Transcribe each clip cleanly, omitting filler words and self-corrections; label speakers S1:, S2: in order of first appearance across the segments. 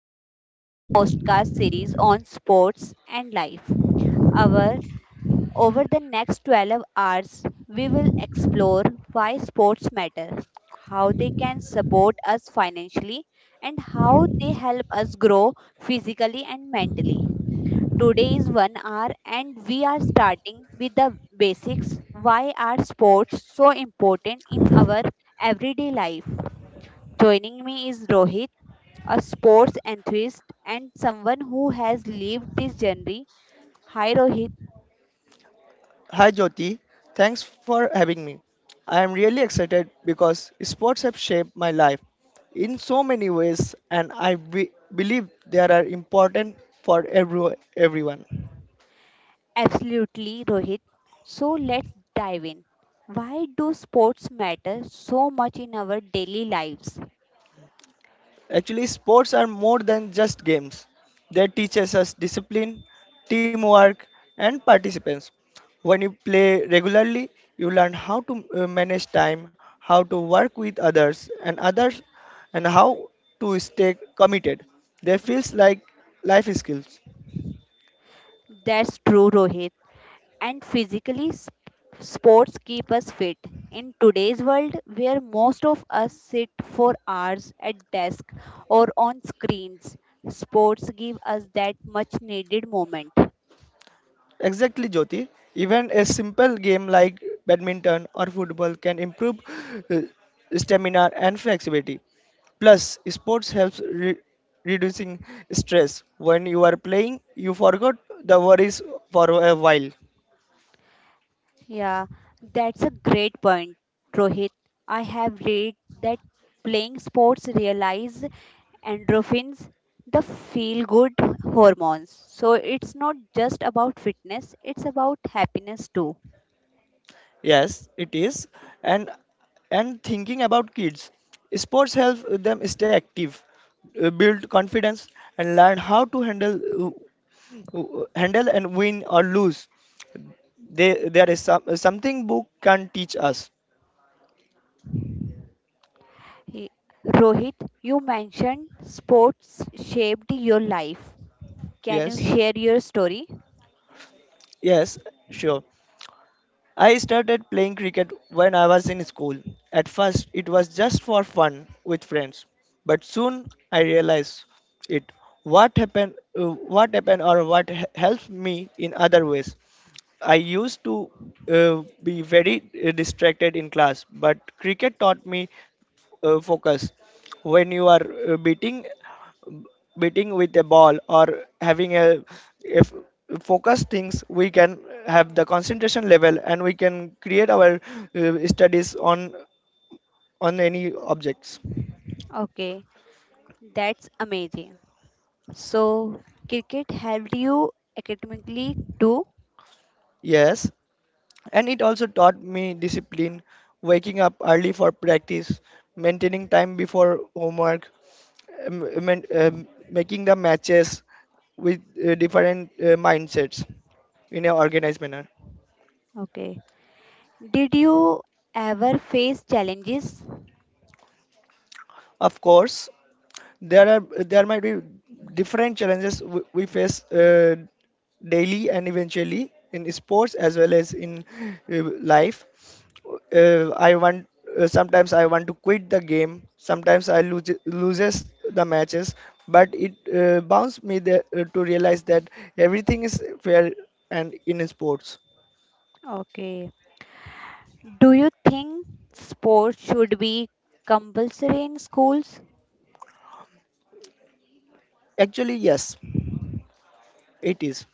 S1: our special podcast series on sports and life. Our Over the next 12 hours, we will explore why sports matter, how they can support us financially, and how they help us grow physically and mentally. Today is one hour, and we are starting with the basics. Why are sports so important in our everyday life? Joining me is Rohit, a sports enthusiast, and someone who has lived this journey. Hi, Rohit.
S2: Hi Jyoti, thanks for having me. I am really excited because sports have shaped my life in so many ways and believe they are important for everyone.
S1: Absolutely, Rohit. So let's dive in. Why do sports matter so much in our daily lives?
S2: Actually, sports are more than just games. They teaches us discipline, teamwork, and participants. When you play regularly, you learn how to manage time, how to work with others, and how to stay committed. They feels like life skills.
S1: That's true, Rohit. And physically, sports keep us fit. In today's world, where most of us sit for hours at desk or on screens, sports give us that much needed moment.
S2: Exactly, Jyoti. Even a simple game like badminton or football can improve uh, stamina and flexibility. Plus, sports helps reducing stress. When you are playing, you forgot the worries for a while.
S1: Yeah, that's a great point, Rohit. I have read that playing sports realize endorphins, the feel good hormones. So it's not just about fitness, it's about happiness too.
S2: Yes, it is. And and thinking about kids, sports help them stay active, build confidence, and learn how to handle handle and win or lose. They, there is some, something book can teach us.
S1: He- Rohit, you mentioned sports shaped your life. Can you
S2: Yes,
S1: share your story?
S2: yes, sure. I started playing cricket when I was in school. At first, it was just for fun with friends, but soon I realized it. What happened? What happened, or helped me in other ways? I used to be very distracted in class, but cricket taught me focus. When you are beating with a ball or having a if focus things we can have the concentration level and we can create our studies on any objects.
S1: Okay, that's amazing. So cricket helped you academically too?
S2: Yes, and it also taught me discipline, waking up early for practice, maintaining time before homework, making the matches with different mindsets in an organized manner.
S1: Okay. Did you ever face challenges?
S2: Of course, there are there might be different challenges we face daily and eventually in sports as well as in life. I want Sometimes I want to quit the game, sometimes I lose loses the matches, but it bounds me there, to realize that everything is fair and in sports.
S1: Okay. Do you think sports should be compulsory in schools?
S2: Actually, yes, it is.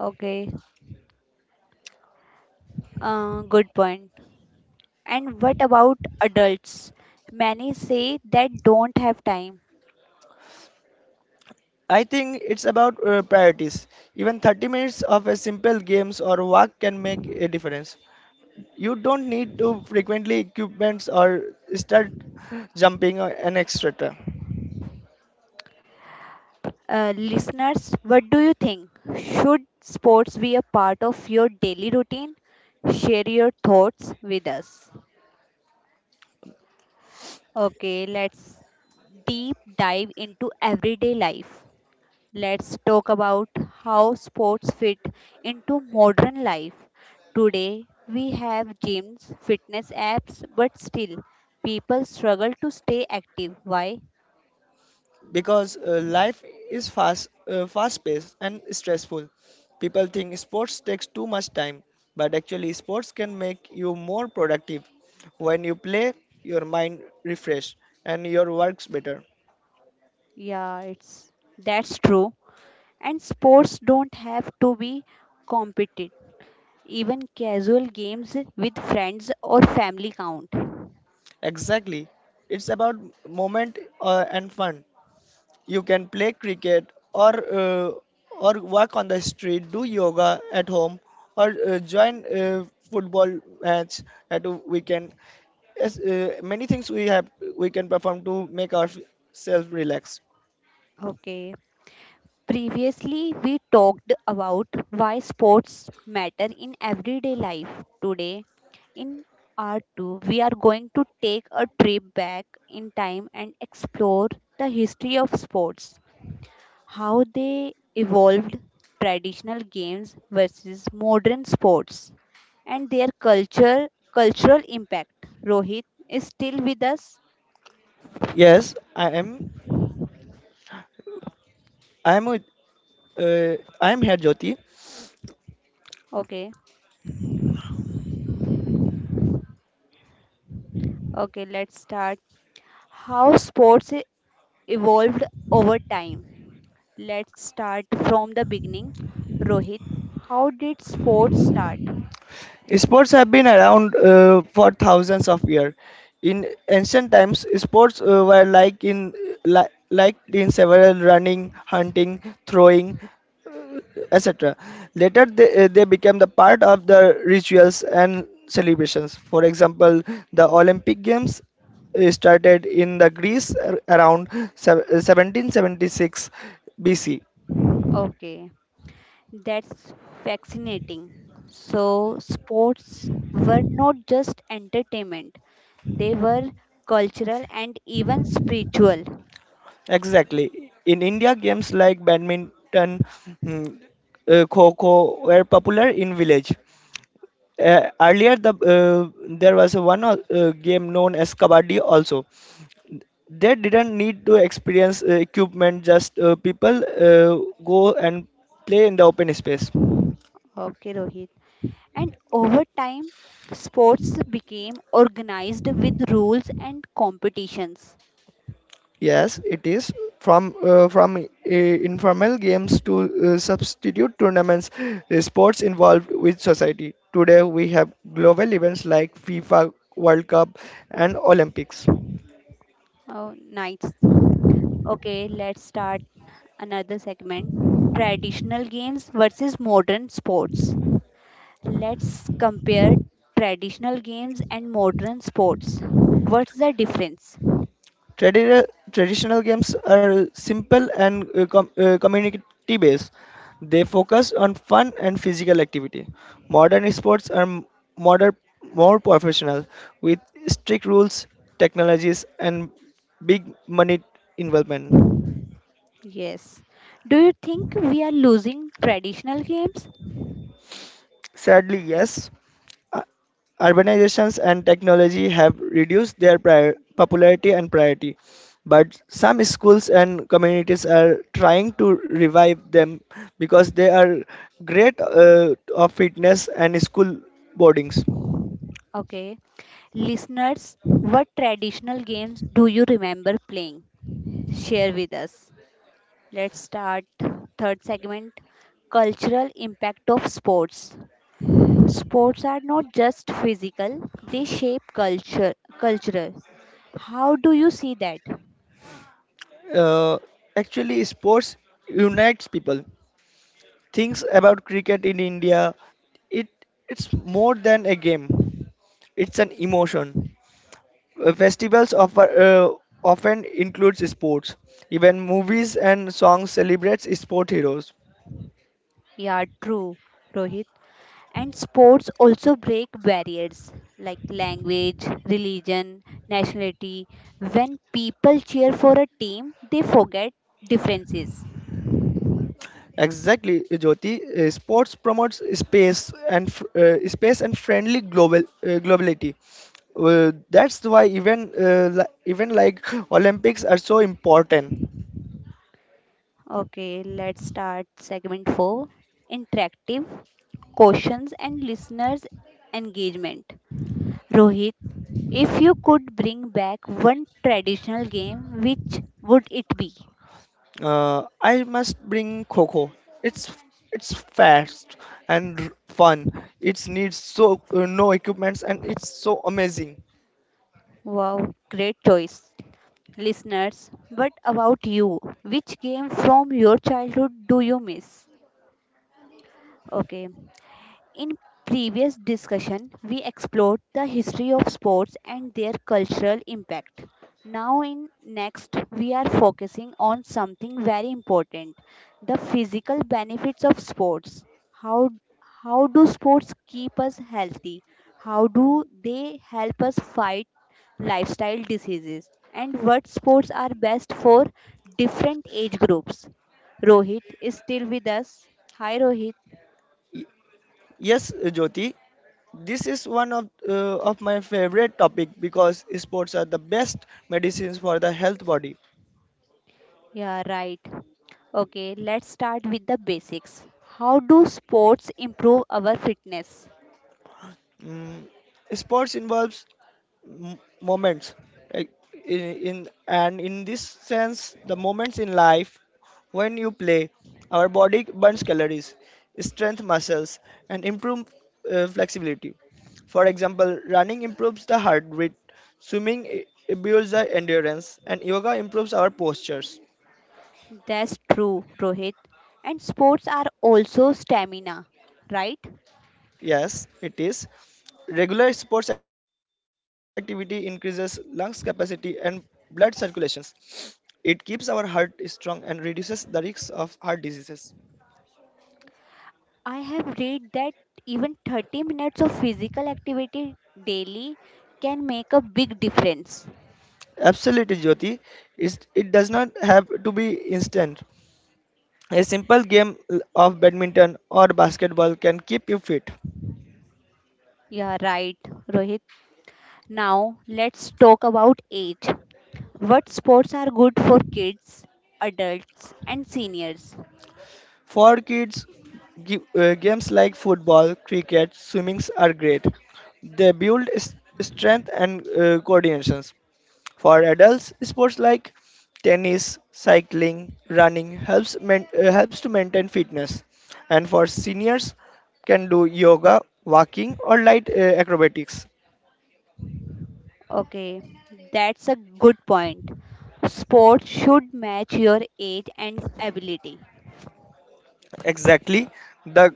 S1: Okay, good point. And what about adults? Many say that don't have time.
S2: I think it's about priorities. Even 30 minutes of a simple games or walk can make a difference. You don't need to frequently equipments or start jumping or- and etc.
S1: Listeners, what do you think? Should sports be a part of your daily routine? Share your thoughts with us. Okay, let's deep dive into everyday life. Let's talk about how sports fit into modern life. Today, we have gyms, fitness apps, but still, people struggle to stay active. Why?
S2: Because life is fast, fast paced and stressful. People think sports takes too much time, but actually sports can make you more productive. When you play, your mind refresh and your works better.
S1: Yeah, it's that's true. And sports don't have to be competitive. Even casual games with friends or family count.
S2: Exactly. It's about moment and fun. You can play cricket or walk on the street, do yoga at home, or join a football match at a weekend. Yes, many things we have we can perform to make ourselves relax.
S1: Okay. Previously, we talked about why sports matter in everyday life. Today, in part 2, we are going to take a trip back in time and explore the history of sports, how they evolved, traditional games versus modern sports, and their culture cultural impact. Rohit is still with us.
S2: Yes, I am. I am with. I am here, Jyoti.
S1: Okay, okay, let's start. How sports evolved over time. Let's start from the beginning. Rohit, how did sports start?
S2: Sports have been around for thousands of years. In ancient times, sports were like in like in several running, hunting, throwing, etc. Later, they became the part of the rituals and celebrations. For example, the Olympic Games started in the Greece around 1776 BC.
S1: Okay, that's fascinating. So, sports were not just entertainment, they were cultural and even spiritual.
S2: Exactly. In India, games like badminton, mm, kho were popular in village. Earlier, the there was one game known as kabaddi. Also, they didn't need to experience equipment; just people go and play in the open space.
S1: Okay, Rohit. And over time, sports became organized with rules and competitions.
S2: Yes, it is. From informal games to substitute tournaments, sports involved with society. Today we have global events like FIFA World Cup and Olympics.
S1: Oh, nice. Okay, let's start another segment, traditional games versus modern sports. Let's compare traditional games and modern sports. What's the difference?
S2: Tradi- Traditional games are simple and community based. They focus on fun and physical activity. Modern sports are modern, more professional with strict rules, technologies, and big money involvement.
S1: Yes. Do you think we are losing traditional games?
S2: Sadly, yes, u- urbanizations and technology have reduced their popularity and priority, but some schools and communities are trying to revive them because they are great of fitness and school boardings.
S1: Okay. Listeners, what traditional games do you remember playing? Share with us. Let's start third segment, cultural impact of sports. Sports are not just physical, they shape culture. How do you see that?
S2: Uh, Actually, sports unites people. Things about cricket in India, it it's more than a game. It's an emotion. Festivals offer, often includes sports. Even movies and songs celebrates sport heroes.
S1: Yeah, true, Rohit. And sports also break barriers like language, religion, nationality. When people cheer for a team, they forget differences.
S2: Exactly, Jyoti. Sports promotes space and space and friendly global globality. That's why even like Olympics are so important.
S1: Okay, let's start segment 4, interactive questions and listeners' engagement. Rohit, if you could bring back one traditional game, which would it be?
S2: I must bring Coco. It's it's fast and fun. It needs so no equipments and it's so amazing.
S1: Wow, great choice. Listeners, but about you. Which game from your childhood do you miss? Okay. In previous discussion, we explored the history of sports and their cultural impact. Now in next we are focusing on something very important, the physical benefits of sports. How how do sports keep us healthy? How do they help us fight lifestyle diseases, and what sports are best for different age groups. Rohit is still with us. Hi, Rohit.
S2: Yes, Jyoti. This is one of my favorite topic because sports are the best medicines for the health body.
S1: Yeah, right. Okay, let's start with the basics. How do sports improve our fitness?
S2: mm, Sports involves moments like in this sense the moments in life. When you play, our body burns calories, strengthens muscles, and improves flexibility. For example, running improves the heart rate, swimming builds the endurance, and yoga improves our postures.
S1: That's true, Rohit. And sports are also stamina, right?
S2: Yes, it is. Regular sports activity increases lungs capacity and blood circulations. It keeps our heart strong and reduces the risks of heart diseases.
S1: I have read that even 30 minutes of physical activity daily can make a big difference.
S2: Absolutely, Jyoti. It does not have to be instant. A simple game of badminton or basketball can keep you fit.
S1: Yeah, right, Rohit. Now, let's talk about age. What sports are good for kids, adults, and seniors?
S2: For kids, games like football, cricket, swimming are great. They build strength and coordination. For adults, sports like tennis, cycling, running helps helps to maintain fitness. And for seniors, can do yoga, walking, or light acrobatics.
S1: Okay, that's a good point. Sports should match your age and ability.
S2: Exactly. The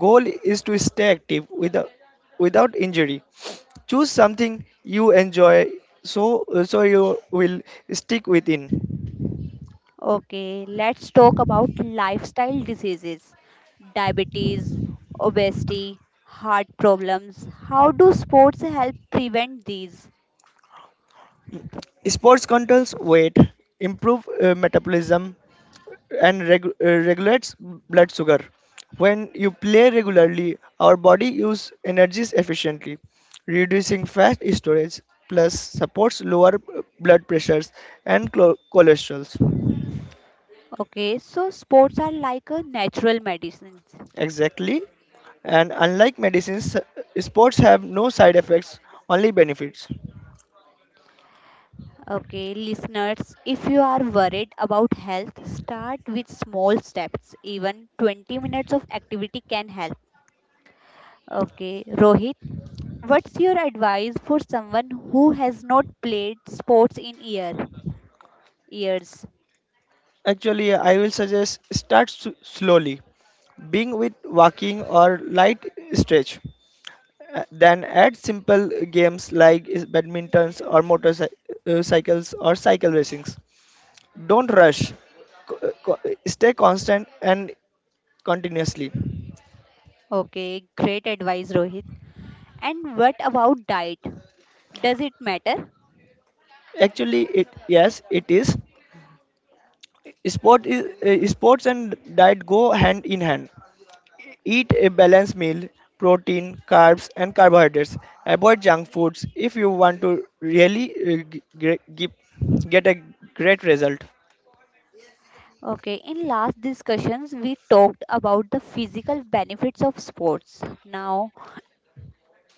S2: goal is to stay active without injury. Choose something you enjoy so you will stick within.
S1: Okay, let's talk about lifestyle diseases, diabetes, obesity, heart problems. How do sports help prevent these?
S2: Sports controls weight, improve metabolism and regulates blood sugar. When you play regularly, our body use energies efficiently, reducing fat storage, plus supports lower blood pressures and cholesterols.
S1: Okay, so sports are like a natural medicine.
S2: Exactly. And unlike medicines, sports have no side effects, only benefits.
S1: Okay, listeners, if you are worried about health, start with small steps. Even 20 minutes of activity can help. Okay, Rohit, what's your advice for someone who has not played sports in years?
S2: Actually, I will suggest start slowly, being with walking or light stretch. Then add simple games like badmintons or motorcycles or cycle racings. Don't rush. Co- co- Stay constant and continuously.
S1: Okay, great advice, Rohit. And what about diet? Does it matter?
S2: Actually, it yes, it is. Sports and diet go hand in hand. Eat a balanced meal, protein, carbs, and carbohydrates. Avoid junk foods if you want to really get a great result.
S1: Okay, in last discussions we talked about the physical benefits of sports. Now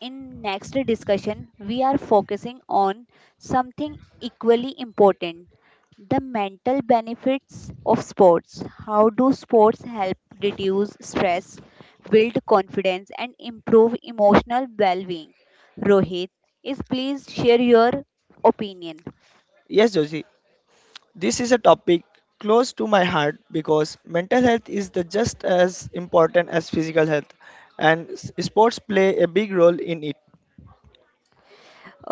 S1: in next discussion we are focusing on something equally important, the mental benefits of sports. How do sports help reduce stress, build confidence and improve emotional well-being? Rohit, is please share your opinion.
S2: Yes, Joji, this is a topic close to my heart because mental health is the just as important as physical health, and sports play a big role in it.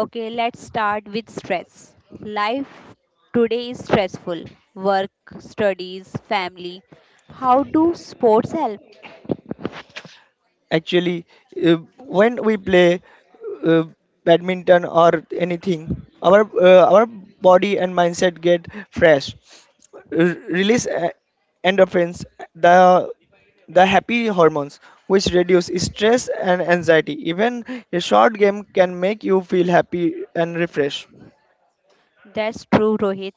S1: Okay, let's start with stress. Life today is stressful. Work, studies, family. How do sports help?
S2: Actually, uh, when we play uh, badminton or anything, our body and mindset get fresh. Release endorphins, the the happy hormones, which reduce stress and anxiety. Even a short game can make you feel happy and refreshed.
S1: That's true, Rohit.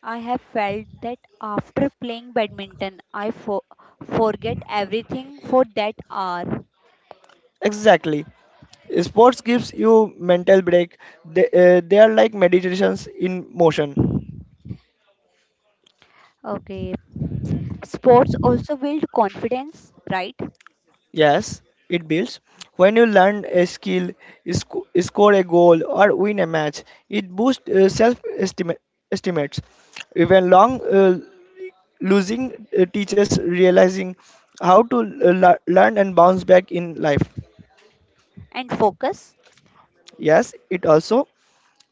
S1: I have felt that after playing badminton, I forget everything for that hour.
S2: Exactly. Sports gives you mental break. They are like meditations in motion.
S1: Okay. Sports also build confidence, right?
S2: Yes, it builds. When you learn a skill, score a goal, or win a match, it boosts self estimates. Even long losing teaches realizing how to learn and bounce back in life.
S1: And focus.
S2: Yes, it also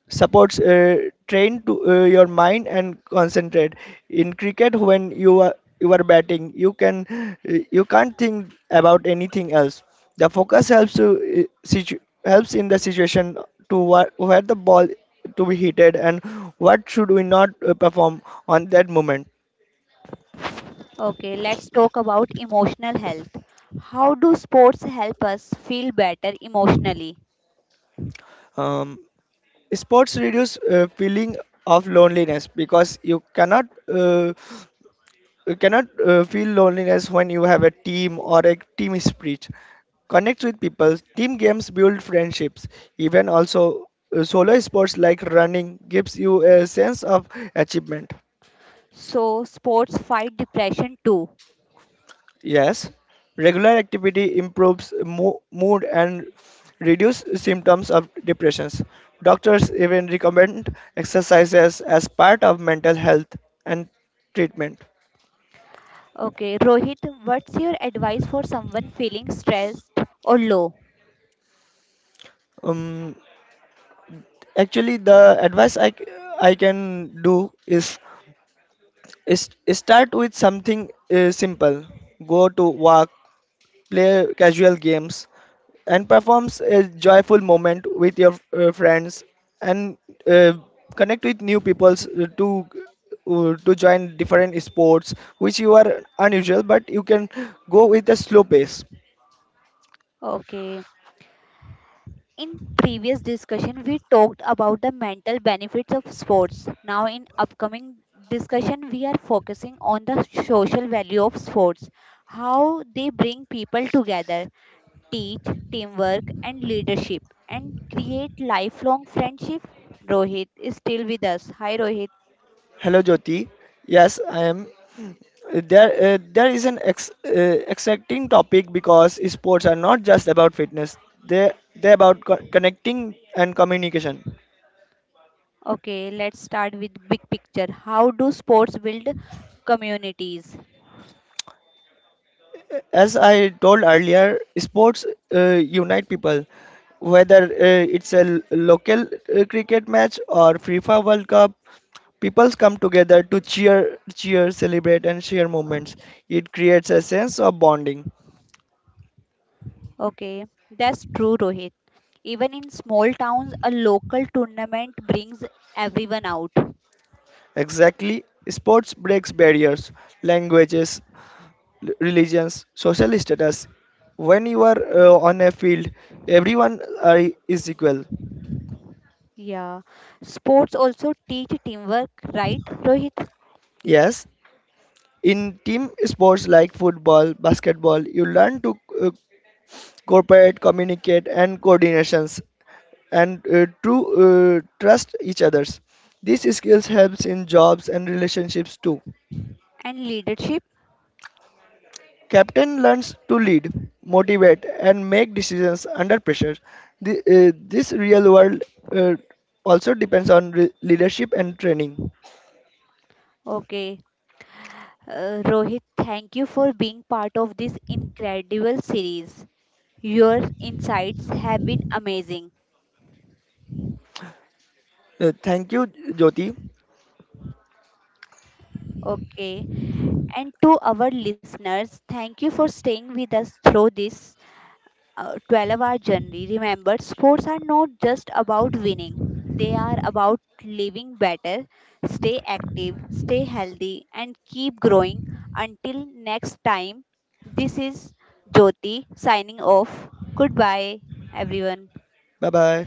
S2: supports train to your mind and concentrate. In cricket, when you are batting, you can you can't think about anything else. The focus helps to helps in the situation to where the ball to be heated and what should we not perform on that moment.
S1: Okay, let's talk about emotional health. How do sports help us feel better emotionally?
S2: um, Sports reduce feeling of loneliness because you cannot you cannot feel loneliness when you have a team or a team spirit. Connect with people. Team games build friendships. Even also solo sports like running gives you a sense of achievement.
S1: So, sports fight depression too.
S2: Yes, regular activity improves mood and reduce symptoms of depressions. Doctors even recommend exercises as part of mental health and treatment.
S1: Okay, Rohit, what's your advice for someone feeling stressed or low?
S2: Um. Actually, the advice I can do is start with something simple. Go to walk, play casual games, and performs a joyful moment with your friends and uh, connect with new peoples to join different sports which you are unusual but you can go with a slow pace.
S1: Okay. In previous discussion we talked about the mental benefits of sports. Now in upcoming discussion we are focusing on the social value of sports, how they bring people together, teach teamwork and leadership, and create lifelong friendship. Rohit is still with us. Hi, Rohit.
S2: Hello Jyoti, yes I am there. There is an exciting topic because sports are not just about fitness, they about connecting and communication.
S1: Okay, let's start with big picture. How do sports build communities?
S2: As I told earlier, sports uh, unite people, whether it's a local cricket match or FIFA World Cup. People come together to cheer, celebrate, and share moments. It creates a sense of bonding.
S1: Okay, that's true, Rohit. Even in small towns, a local tournament brings everyone out.
S2: Exactly, sports breaks barriers, languages, religions, social status. When you are on a field, everyone are, is equal.
S1: Yeah. Sports also teach teamwork, right, Rohit?
S2: Yes, in team sports like football, basketball, you learn to uh, cooperate, communicate, and coordinations, and to trust each others. These skills helps in jobs and relationships too.
S1: And leadership.
S2: Captain learns to lead, motivate, and make decisions under pressure. This real world uh, also depends on leadership and training.
S1: Okay. Rohit, thank you for being part of this incredible series. Your insights have been amazing.
S2: Thank you, Jyoti.
S1: Okay. And to our listeners, thank you for staying with us through this 12-hour journey. Remember, sports are not just about winning, they are about living better. Stay active, stay healthy, and keep growing. Until next time, this is Jyoti signing off. Goodbye, everyone.
S2: Bye bye.